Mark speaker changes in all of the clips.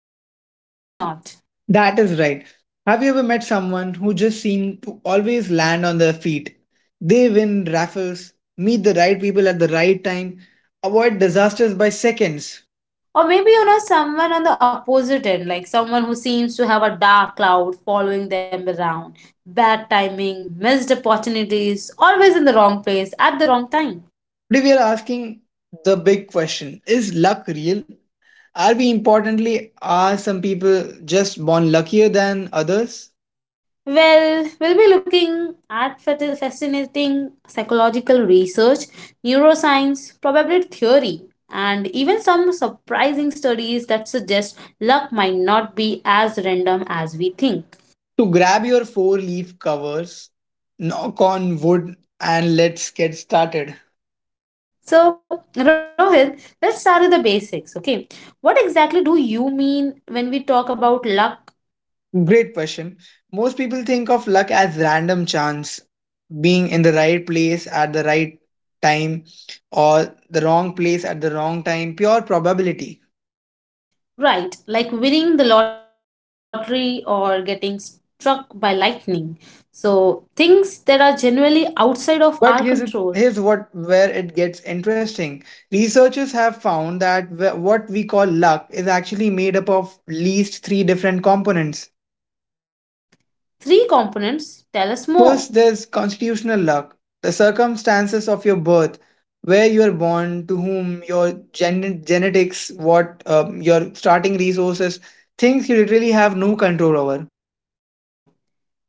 Speaker 1: whether we realize it or not.
Speaker 2: That is right. Have you ever met someone who just seemed to always land on their feet? They win raffles, meet the right people at the right time, avoid disasters by seconds.
Speaker 1: Or maybe you know someone on the opposite end, like someone who seems to have a dark cloud following them around. Bad timing, missed opportunities, always in the wrong place at the wrong time.
Speaker 2: Today, we are asking the big question, is luck real? Are we importantly, are some people just born luckier than others?
Speaker 1: Well, we'll be looking at fascinating psychological research, neuroscience, probability theory, and even some surprising studies that suggest luck might not be as random as we think.
Speaker 2: So grab your four leaf covers, knock on wood, and let's get started.
Speaker 1: So, Rohit, let's start with the basics, okay? What exactly do you mean when we talk about luck,
Speaker 2: Great question. Most people think of luck as random chance, being in the right place at the right time or the wrong place at the wrong time, pure probability.
Speaker 1: right? Like winning the lottery or getting struck by lightning. So, things that are generally outside of
Speaker 2: But
Speaker 1: our control.
Speaker 2: here's what where it gets interesting. Researchers have found that what we call luck is actually made up of least three different components.
Speaker 1: Three components, tell us more.
Speaker 2: First, there's constitutional luck, the circumstances of your birth, where you are born, to whom, your genetics, what your starting resources, things you literally have no control over.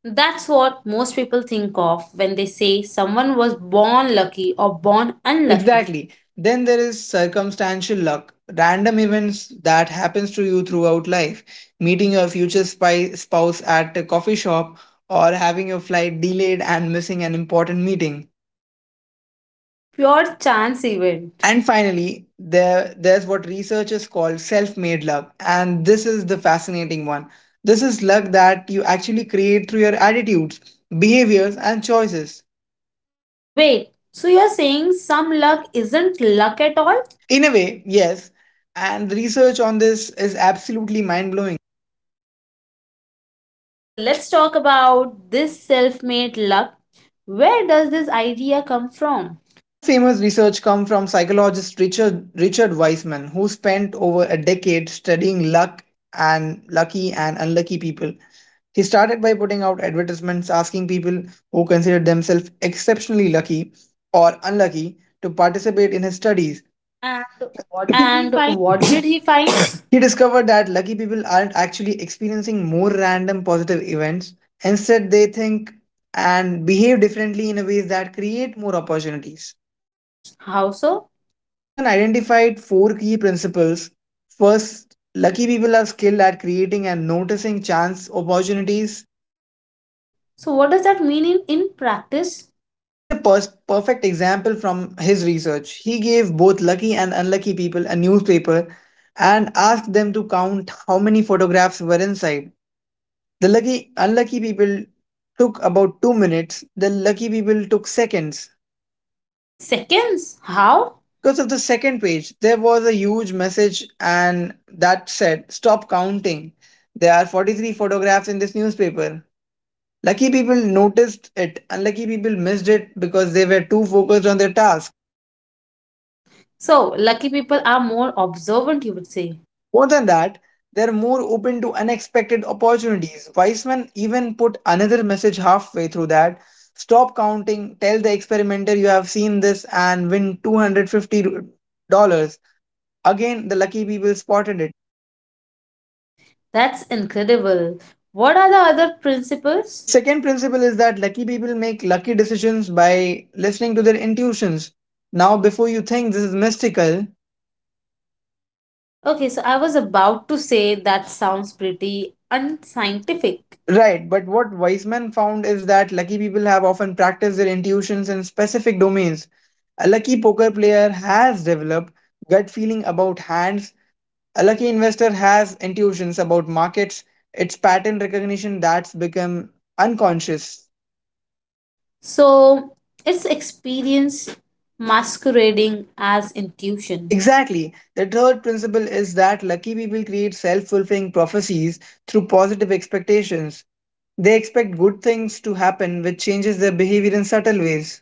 Speaker 1: That's what most people think of when they say someone was born lucky or born unlucky.
Speaker 2: Exactly. Then there is circumstantial luck, random events that happens to you throughout life, meeting your future spouse at a coffee shop, or having your flight delayed and missing an important meeting.
Speaker 1: Pure chance event.
Speaker 2: And finally, there's what researchers call self-made luck, and this is the fascinating one. This is luck that you actually create through your attitudes, behaviors, and choices.
Speaker 1: Wait, so you're saying some luck isn't luck at all?
Speaker 2: In a way, yes, and the research on this is absolutely mind-blowing.
Speaker 1: Okay, so let's talk about this self made luck. Where does this idea come from?
Speaker 2: The most famous research come from psychologist Richard Wiseman, who spent over a decade studying luck and lucky and unlucky people. He started by putting out advertisements asking people who considered themselves exceptionally lucky or unlucky to participate in his studies. And what did he
Speaker 1: And
Speaker 2: find?
Speaker 1: what did he find?
Speaker 2: He discovered that lucky people aren't actually experiencing more random positive events. Instead, they think and behave differently in a ways that create more opportunities.
Speaker 1: How so?
Speaker 2: Weisman identified four key principles. First, lucky people are skilled at creating and noticing chance opportunities.
Speaker 1: So, what does that mean in practice?
Speaker 2: Here's a perfect example from his research. He gave both lucky and unlucky people a newspaper and asked them to count how many photographs were inside. The lucky unlucky people took about 2 minutes, the lucky people took seconds.
Speaker 1: Seconds? How?
Speaker 2: Because of the second page, there was a huge message and that said, "Stop counting. There are 43 photographs in this newspaper." Lucky people noticed it, unlucky people missed it because they were too focused on their task.
Speaker 1: So, lucky people are more observant, you would say.
Speaker 2: More than that, they're more open to unexpected opportunities. Weissman even put another message halfway through that stop counting, tell the experimenter you have seen this, and win $250. Again, the lucky people spotted it.
Speaker 1: That's incredible. What are the other
Speaker 2: The
Speaker 1: principles?
Speaker 2: second principle is that lucky people make lucky decisions by listening to their intuitions. Now, before you think this is mystical,
Speaker 1: Okay, so I was about to say that sounds pretty unscientific.
Speaker 2: right, but what Weisman found is that lucky people have often practiced their intuitions in specific domains. A lucky poker player has developed gut feeling about hands. A lucky investor has intuitions about markets. It's pattern recognition that's become unconscious.
Speaker 1: So, it's experience masquerading as intuition,
Speaker 2: Exactly. The third principle is that lucky people create self fulfilling prophecies through positive expectations. They expect good things to happen, which changes their behavior in subtle ways.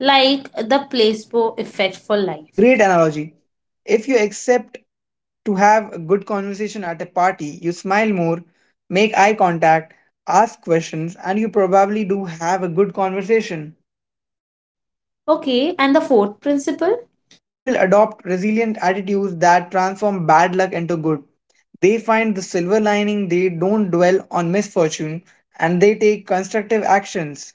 Speaker 1: like the placebo effect for life.
Speaker 2: Great analogy. If you accept to have a good conversation at a party, you smile more, make eye contact, ask questions, and you probably do have a good conversation.
Speaker 1: Okay, and the fourth principle?
Speaker 2: Lucky people adopt resilient attitudes that transform bad luck into good. They find the silver lining, they don't dwell on misfortune, and they take constructive actions.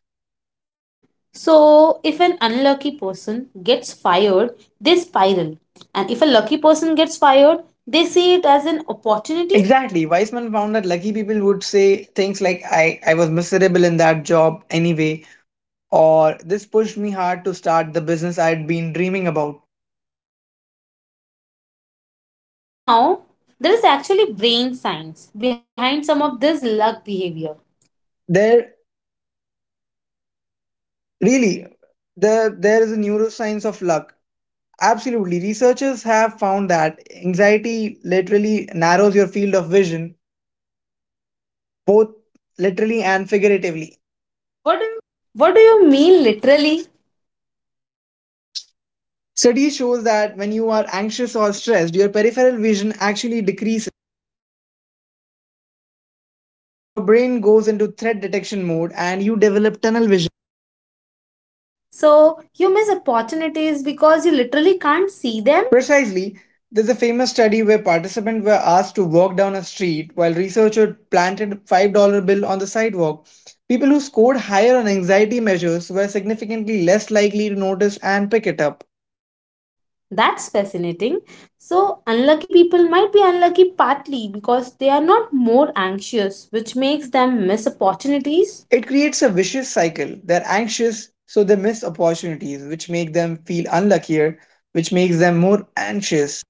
Speaker 1: So, if an unlucky person gets fired, they spiral. And if a lucky person gets fired, they see it as an opportunity.
Speaker 2: Exactly. Weissman found that lucky people would say things like, I was miserable in that job anyway, or this pushed me hard to start the business I'd been dreaming about.
Speaker 1: Now, there is actually brain science behind some of this luck behavior.
Speaker 2: Their Really, there is a neuroscience of luck. Absolutely. Researchers have found that anxiety literally narrows your field of vision, both literally and figuratively. What do you
Speaker 1: What do you mean, literally?
Speaker 2: Study shows that when you are anxious or stressed, your peripheral vision actually decreases. Your brain goes into threat detection mode and you develop tunnel vision.
Speaker 1: So, you miss opportunities because you literally can't see them?
Speaker 2: Precisely, there's a famous study where participants were asked to walk down a street while researchers planted a $5 bill on the sidewalk. People who scored higher on anxiety measures were significantly less likely to notice and pick it up.
Speaker 1: That's fascinating. So, unlucky people might be unlucky partly because they are not more anxious, which makes them miss opportunities.
Speaker 2: It creates a vicious cycle. They're anxious, so they miss opportunities, which make them feel unluckier, which makes them more anxious.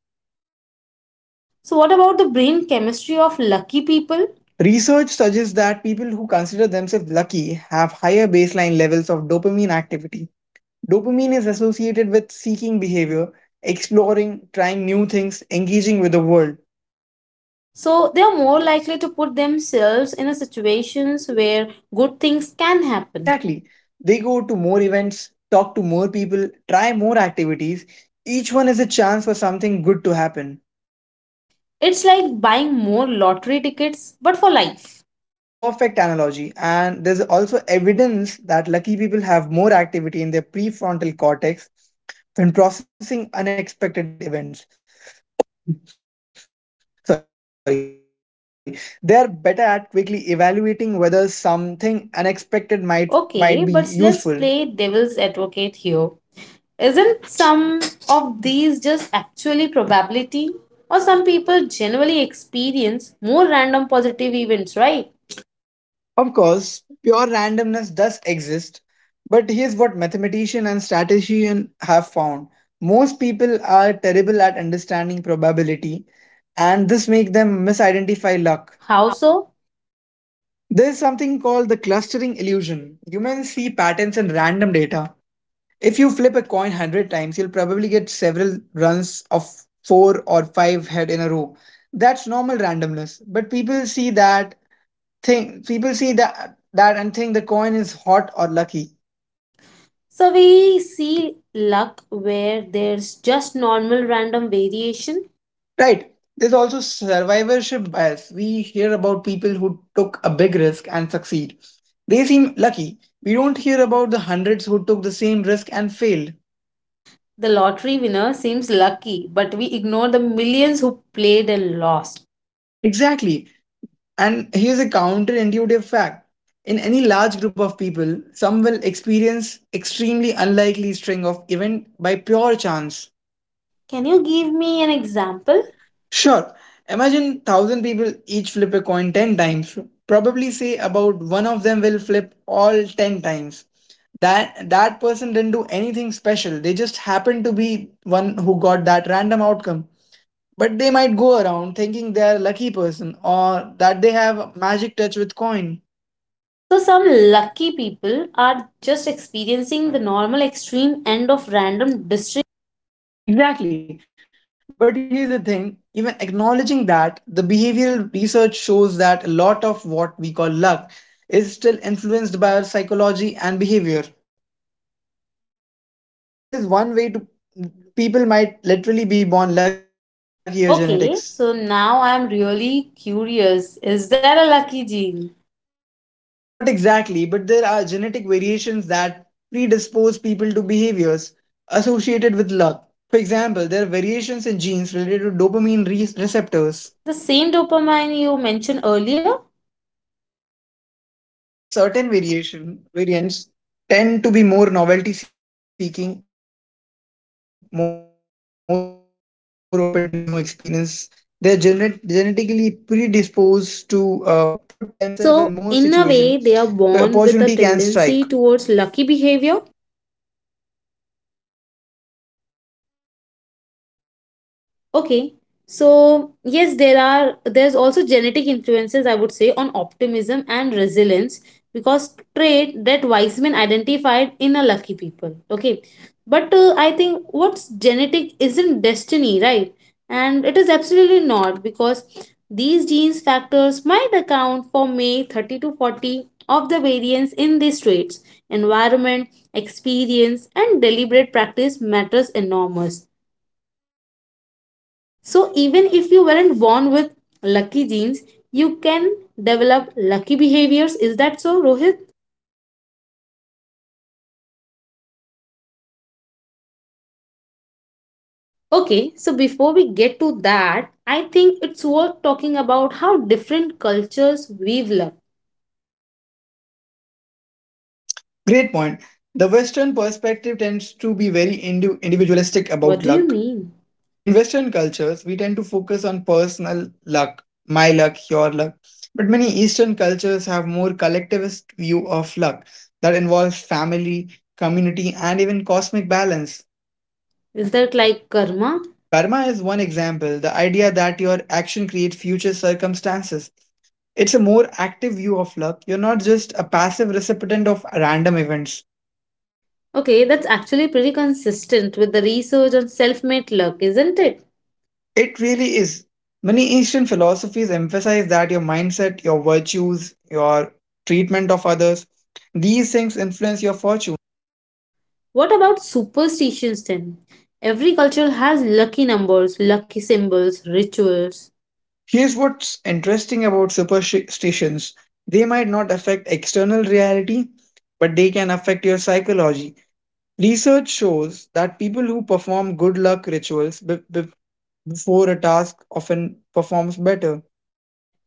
Speaker 1: So, what about the brain chemistry of lucky people?
Speaker 2: Research suggests that people who consider themselves lucky have higher baseline levels of dopamine activity. Dopamine is associated with seeking behavior, exploring, trying new things, engaging with the world.
Speaker 1: So, they are more likely to put themselves in a situations where good things can happen.
Speaker 2: Exactly. They go to more events, talk to more people, try more activities. Each one is a chance for something good to happen.
Speaker 1: It's like buying more lottery tickets, but for life.
Speaker 2: Perfect analogy. And there's also evidence that lucky people have more activity in their prefrontal cortex when processing unexpected events. Sorry, they are better at quickly evaluating whether something unexpected might be useful.
Speaker 1: Okay, but let's play devil's advocate here. Isn't some of these just actually probability? Or some people generally experience more random positive events, right?
Speaker 2: Of course, pure randomness does exist, but here's what mathematician and statistician have found. Most people are terrible at understanding probability, and this makes them misidentify luck.
Speaker 1: How so?
Speaker 2: There's something called the clustering illusion. Humans see patterns in random data. If you flip a coin 100 times, you'll probably get several runs of 4 or 5 head in a row. That's normal randomness, but people see that think people see that and think the coin is hot or lucky.
Speaker 1: So we see luck where there's just normal random variation.
Speaker 2: Right, there's also survivorship bias. We hear about people who took a big risk and succeed. They seem lucky. We don't hear about the hundreds who took the same risk and failed.
Speaker 1: The lottery winner seems lucky, but we ignore the millions who played and lost.
Speaker 2: Exactly, and here's a counterintuitive fact. In any large group of people some will experience extremely unlikely string of event by pure chance.
Speaker 1: Can you give me an example?
Speaker 2: Sure. Imagine thousand people each flip a coin 10 times. Probably say about one of them will flip all 10 times. That person didn't do anything special. They just happened to be one who got that random outcome. But they might go around thinking they are a lucky person or that they have magic touch with coin.
Speaker 1: So some lucky people are just experiencing the normal extreme end of random district.
Speaker 2: Exactly. But here's the thing, even acknowledging that, the behavioral research shows that a lot of what we call luck is still influenced by our psychology and behavior. Now, there's one way to people might literally be born luckier genetics.
Speaker 1: Okay, so now I'm really curious. Is there a lucky gene?
Speaker 2: Not exactly, but there are genetic variations that predispose people to behaviors associated with luck. For example, there are variations in genes related to dopamine receptors.
Speaker 1: The same dopamine you mentioned earlier?
Speaker 2: Yes, people with certain variation variants tend to be more novelty seeking, more open to new experience. They're genetically predisposed to put themselves in more situation where opportunity can strike.
Speaker 1: So, in a way, they are born with a tendency towards lucky behavior. Okay. So, yes, there's also genetic influences, I would say, on optimism and resilience, because trait that Weisman identified in a lucky people. Okay. But I think what's genetic isn't destiny, right? And it is absolutely not, because these genes factors might account for may 30 to 40 of the variance in these traits. Environment, experience and deliberate practice matters enormous, so even if you weren't born with lucky genes, you can develop lucky behaviors. Is that so, Rohit?
Speaker 2: That is exactly what the research suggests, and we'll talk about how in few
Speaker 1: Okay, so
Speaker 2: minutes.
Speaker 1: before we get to that, I think it's worth talking about how different cultures we've loved.
Speaker 2: Great point. The Western perspective tends to be very individualistic about luck.
Speaker 1: What do you mean?
Speaker 2: In Western cultures, we tend to focus on personal luck, my luck, your luck. But many Eastern cultures have more collectivist view of luck that involves family, community, and even cosmic balance.
Speaker 1: Is that like karma?
Speaker 2: Karma is one example, the idea that your action creates future circumstances. It's a more active view of luck. You're not just a passive recipient of random events.
Speaker 1: Okay, that's actually pretty consistent with the research on self made luck, isn't it?
Speaker 2: It really is. Many Eastern philosophies emphasize that your mindset, your virtues, your treatment of others, these things influence your fortune.
Speaker 1: What about superstitions then? Every culture has lucky numbers, lucky symbols, rituals.
Speaker 2: Here's what's interesting about superstitions, they might not affect external reality, but they can affect your psychology. Research shows that people who perform good luck rituals before a task often performs better.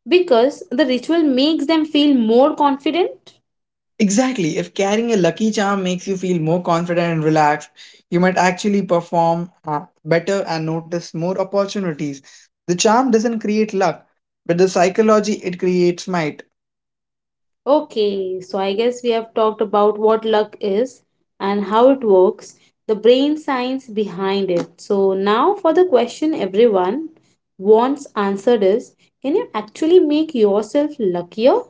Speaker 1: Because the ritual makes them feel more confident.
Speaker 2: Exactly. If carrying a lucky charm makes you feel more confident and relaxed, you might actually perform better and notice more opportunities. The charm doesn't create luck, but the psychology it creates might.
Speaker 1: Okay, so I guess we have talked about what luck is and how it works, the brain science behind it. So now for the question everyone wants answered is, can you actually make yourself luckier?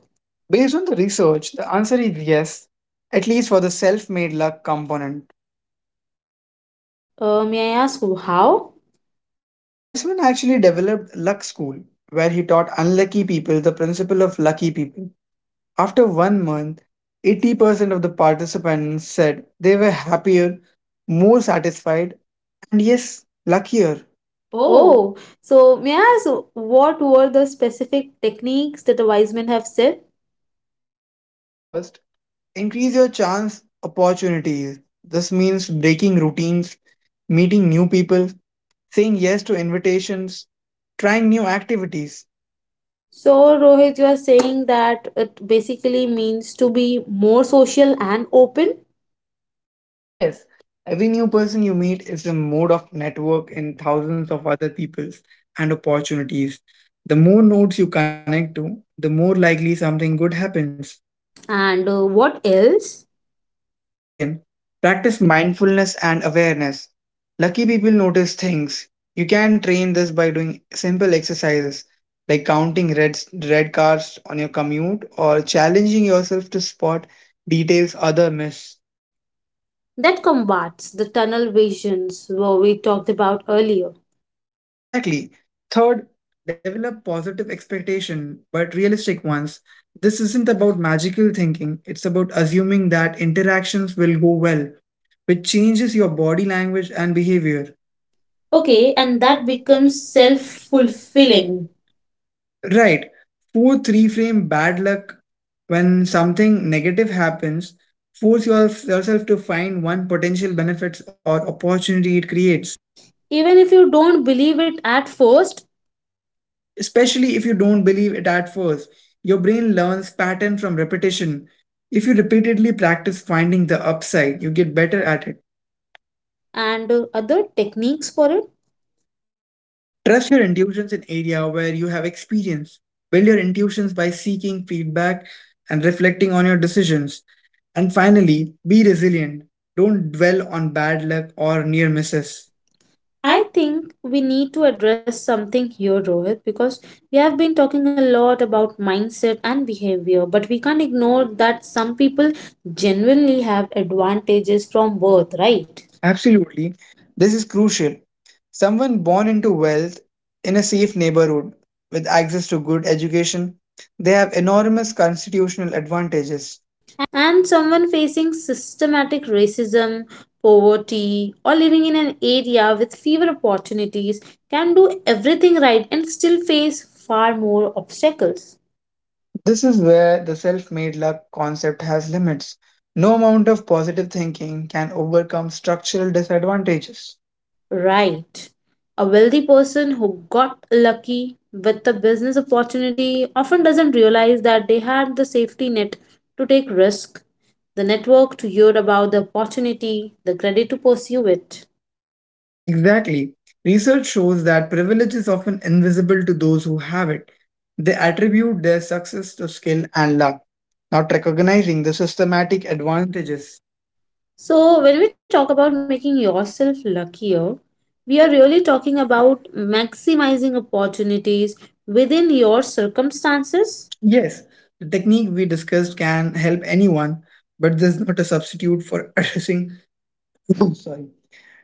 Speaker 2: Based on the research, the answer is yes, at least for the self made luck component.
Speaker 1: May I ask how?
Speaker 2: Weisman actually developed Luck School, where he taught unlucky people the principle of lucky people. After one month, 80% of the participants said they were happier, more satisfied, and yes, luckier. Oh,
Speaker 1: Oh, so may I ask what were the specific techniques that the wise men have said?
Speaker 2: first, increase your chance opportunities. This means breaking routines, meeting new people, saying yes to invitations, trying new activities.
Speaker 1: So, Rohit, you are saying that it basically means to be more social and open.
Speaker 2: Yes, every new person you meet is a mode of network in thousands of other peoples and opportunities. The more nodes you connect to, the more likely something good happens.
Speaker 1: And what else?
Speaker 2: Second, practice mindfulness and awareness. Lucky people notice things. You can train this by doing simple exercises like counting red cars on your commute or challenging yourself to spot details other miss.
Speaker 1: That combats the tunnel visions what we talked about earlier.
Speaker 2: Exactly. Third, develop positive expectation but realistic ones. This isn't about magical thinking, it's about assuming that interactions will go well, which changes your body language and behavior.
Speaker 1: Okay,
Speaker 2: Okay,
Speaker 1: and
Speaker 2: and
Speaker 1: that
Speaker 2: that
Speaker 1: becomes
Speaker 2: becomes
Speaker 1: self
Speaker 2: self
Speaker 1: fulfilling.
Speaker 2: fulfilling. Right. Fourth reframe bad luck when something negative happens, force yourself to find one potential benefits or opportunity it creates.
Speaker 1: Even if you don't believe it at first,
Speaker 2: Especially if you don't believe it at first. Your brain learns pattern from repetition. If you repeatedly practice finding the upside, you get better at it.
Speaker 1: and other techniques for it.
Speaker 2: Trust your intuitions in area where you have experience. Build your intuitions by seeking feedback and reflecting on your decisions. And finally, be resilient. Don't dwell on bad luck or near misses. I
Speaker 1: I think we need to address something here, Rohit, because we have been talking a lot about mindset and behavior, but we can't ignore that some people genuinely have advantages from birth,
Speaker 2: Right.
Speaker 1: right?
Speaker 2: Absolutely. This is crucial. Someone born into wealth in a safe neighborhood with access to good education, they have enormous constitutional advantages.
Speaker 1: And someone facing systematic racism, poverty, or living in an area with fewer opportunities can do everything right and still face far more obstacles.
Speaker 2: This is where the self made luck concept has limits. No amount of positive thinking can overcome structural disadvantages.
Speaker 1: Right. A wealthy person who got lucky with a business opportunity often doesn't realize that they had the safety net to take risk, the network to hear about the opportunity, the credit to pursue it.
Speaker 2: Exactly. Research shows that privilege is often invisible to those who have it. They attribute their success to skill and luck, not recognizing the systematic advantages.
Speaker 1: So, when we talk about making yourself luckier, we are really talking about maximizing opportunities within your circumstances.
Speaker 2: Yes, the technique we discussed can help anyone, but this is not a substitute for addressing sorry,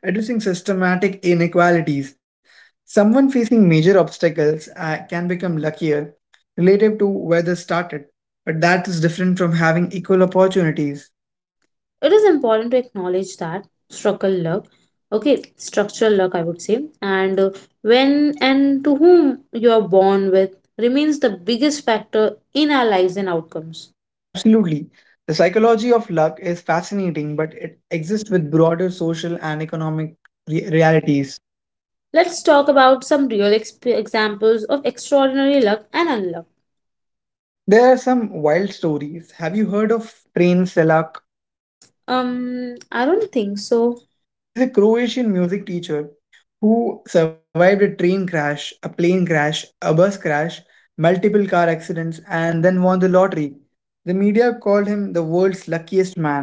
Speaker 2: addressing systematic inequalities. Someone facing major obstacles can become luckier relative to where they started, but that is different from having equal opportunities.
Speaker 1: It is important to acknowledge that structural luck, okay, structural luck, I would say. And when and to whom you are born with remains the biggest factor in our lives and outcomes.
Speaker 2: Absolutely. The psychology of luck is fascinating, but it exists with broader social and economic realities.
Speaker 1: Let's talk about some real examples of extraordinary luck and unluck.
Speaker 2: There are some wild stories. Have you heard of Train Selak?
Speaker 1: um I don't think so.
Speaker 2: He's a Croatian music teacher who survived a train crash, a plane crash, a bus crash, multiple car accidents, and then won the lottery. The media called him the world's luckiest man.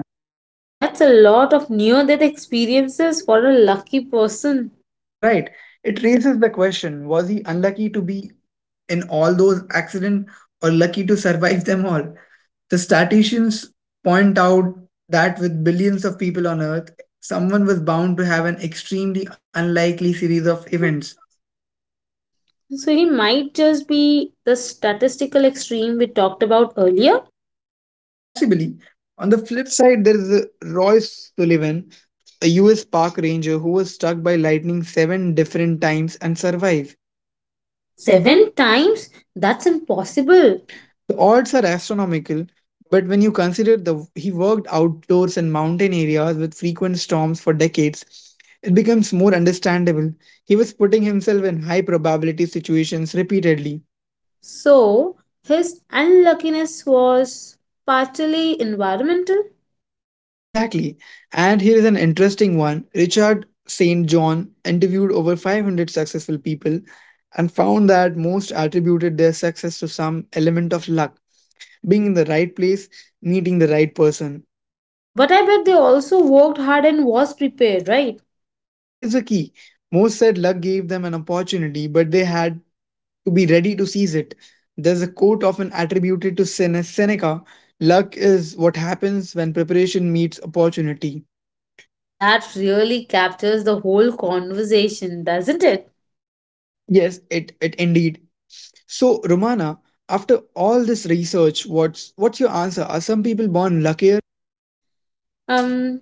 Speaker 1: That's a lot of near death experiences for a lucky person.
Speaker 2: Right. It raises the question, was he unlucky to be in all those accidents or lucky to survive them all? The statisticians point out that with billions of people on Earth, someone was bound to have an extremely unlikely series of events.
Speaker 1: So he might just be the statistical extreme we talked about earlier.
Speaker 2: Possibly. On the flip side, there is a Royce Sullivan, a US park ranger who was struck by lightning seven different times and survived. Seven?
Speaker 1: Seven times? That's impossible.
Speaker 2: The odds are astronomical, but when you consider the he worked outdoors in mountain areas with frequent storms for decades, it becomes more understandable. He was putting himself in high probability situations repeatedly.
Speaker 1: So, his unluckiness was partially environmental.
Speaker 2: Exactly. And here is an interesting one. Richard St. John interviewed over 500 successful people and found that most attributed their success to some element of luck, being in the right place, meeting the right person.
Speaker 1: But I bet they also worked hard and was prepared, right?
Speaker 2: That is the key. Most said luck gave them an opportunity, but they had to be ready to seize it. There's a quote often attributed to Seneca: luck is what happens when preparation meets opportunity.
Speaker 1: That really captures the whole conversation, doesn't it?
Speaker 2: Yes, it indeed. So, Romana, after all this research, what's your answer? Are some people born luckier?
Speaker 1: Um,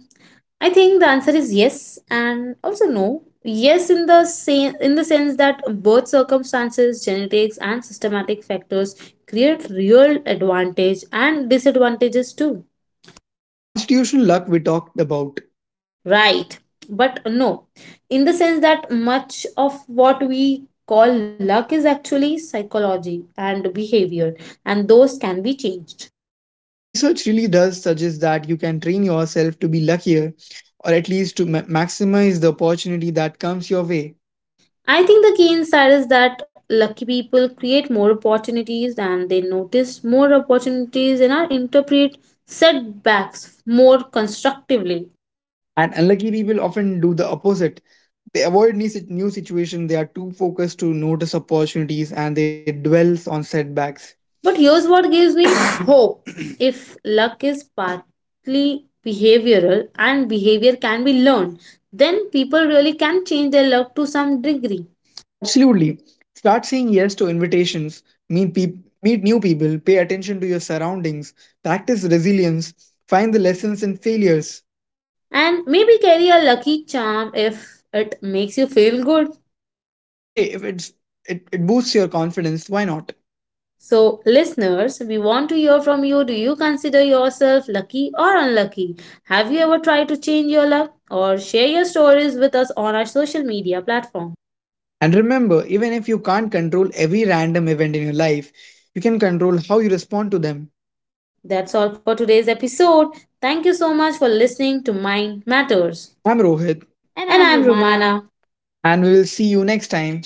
Speaker 1: I think the answer is yes and also no. Yes, in the in the sense that birth circumstances, genetics, and systematic factors create real advantage and disadvantages too.
Speaker 2: The constitutional luck we talked about.
Speaker 1: Right. But no, in the sense that much of what we call luck is actually psychology and behavior, and those can be changed.
Speaker 2: The research really does suggest that you can train yourself to be luckier or at least to maximize the opportunity that comes your way.
Speaker 1: I think the key insight is that lucky people create more opportunities and they notice more opportunities and are interpret setbacks more constructively.
Speaker 2: And unlucky people often do the opposite. They avoid new situations. They are too focused to notice opportunities and they dwell on setbacks.
Speaker 1: But here's what gives me hope. If luck is partly behavioral and behavior can be learned, then people really can change their luck to some degree,
Speaker 2: Absolutely. Start saying yes to invitations. Meet peop meet new people. Pay attention to your surroundings. Practice resilience. Find the lessons in failures.
Speaker 1: and maybe carry a lucky charm if it makes you feel good.
Speaker 2: Hey, if it boosts your confidence, why not?
Speaker 1: So, listeners, we want to hear from you. Do you consider yourself lucky or unlucky? Have you ever tried to change your luck? Or share your stories with us on our social media platform?
Speaker 2: And remember, even if you can't control every random event in your life, you can control how you respond to them.
Speaker 1: That's all for today's episode. Thank you so much for listening to Mind Matters.
Speaker 2: I'm Rohit. And
Speaker 1: And
Speaker 2: I'm
Speaker 1: I'm
Speaker 2: Romana.
Speaker 1: Romana.
Speaker 2: And we will see you next time.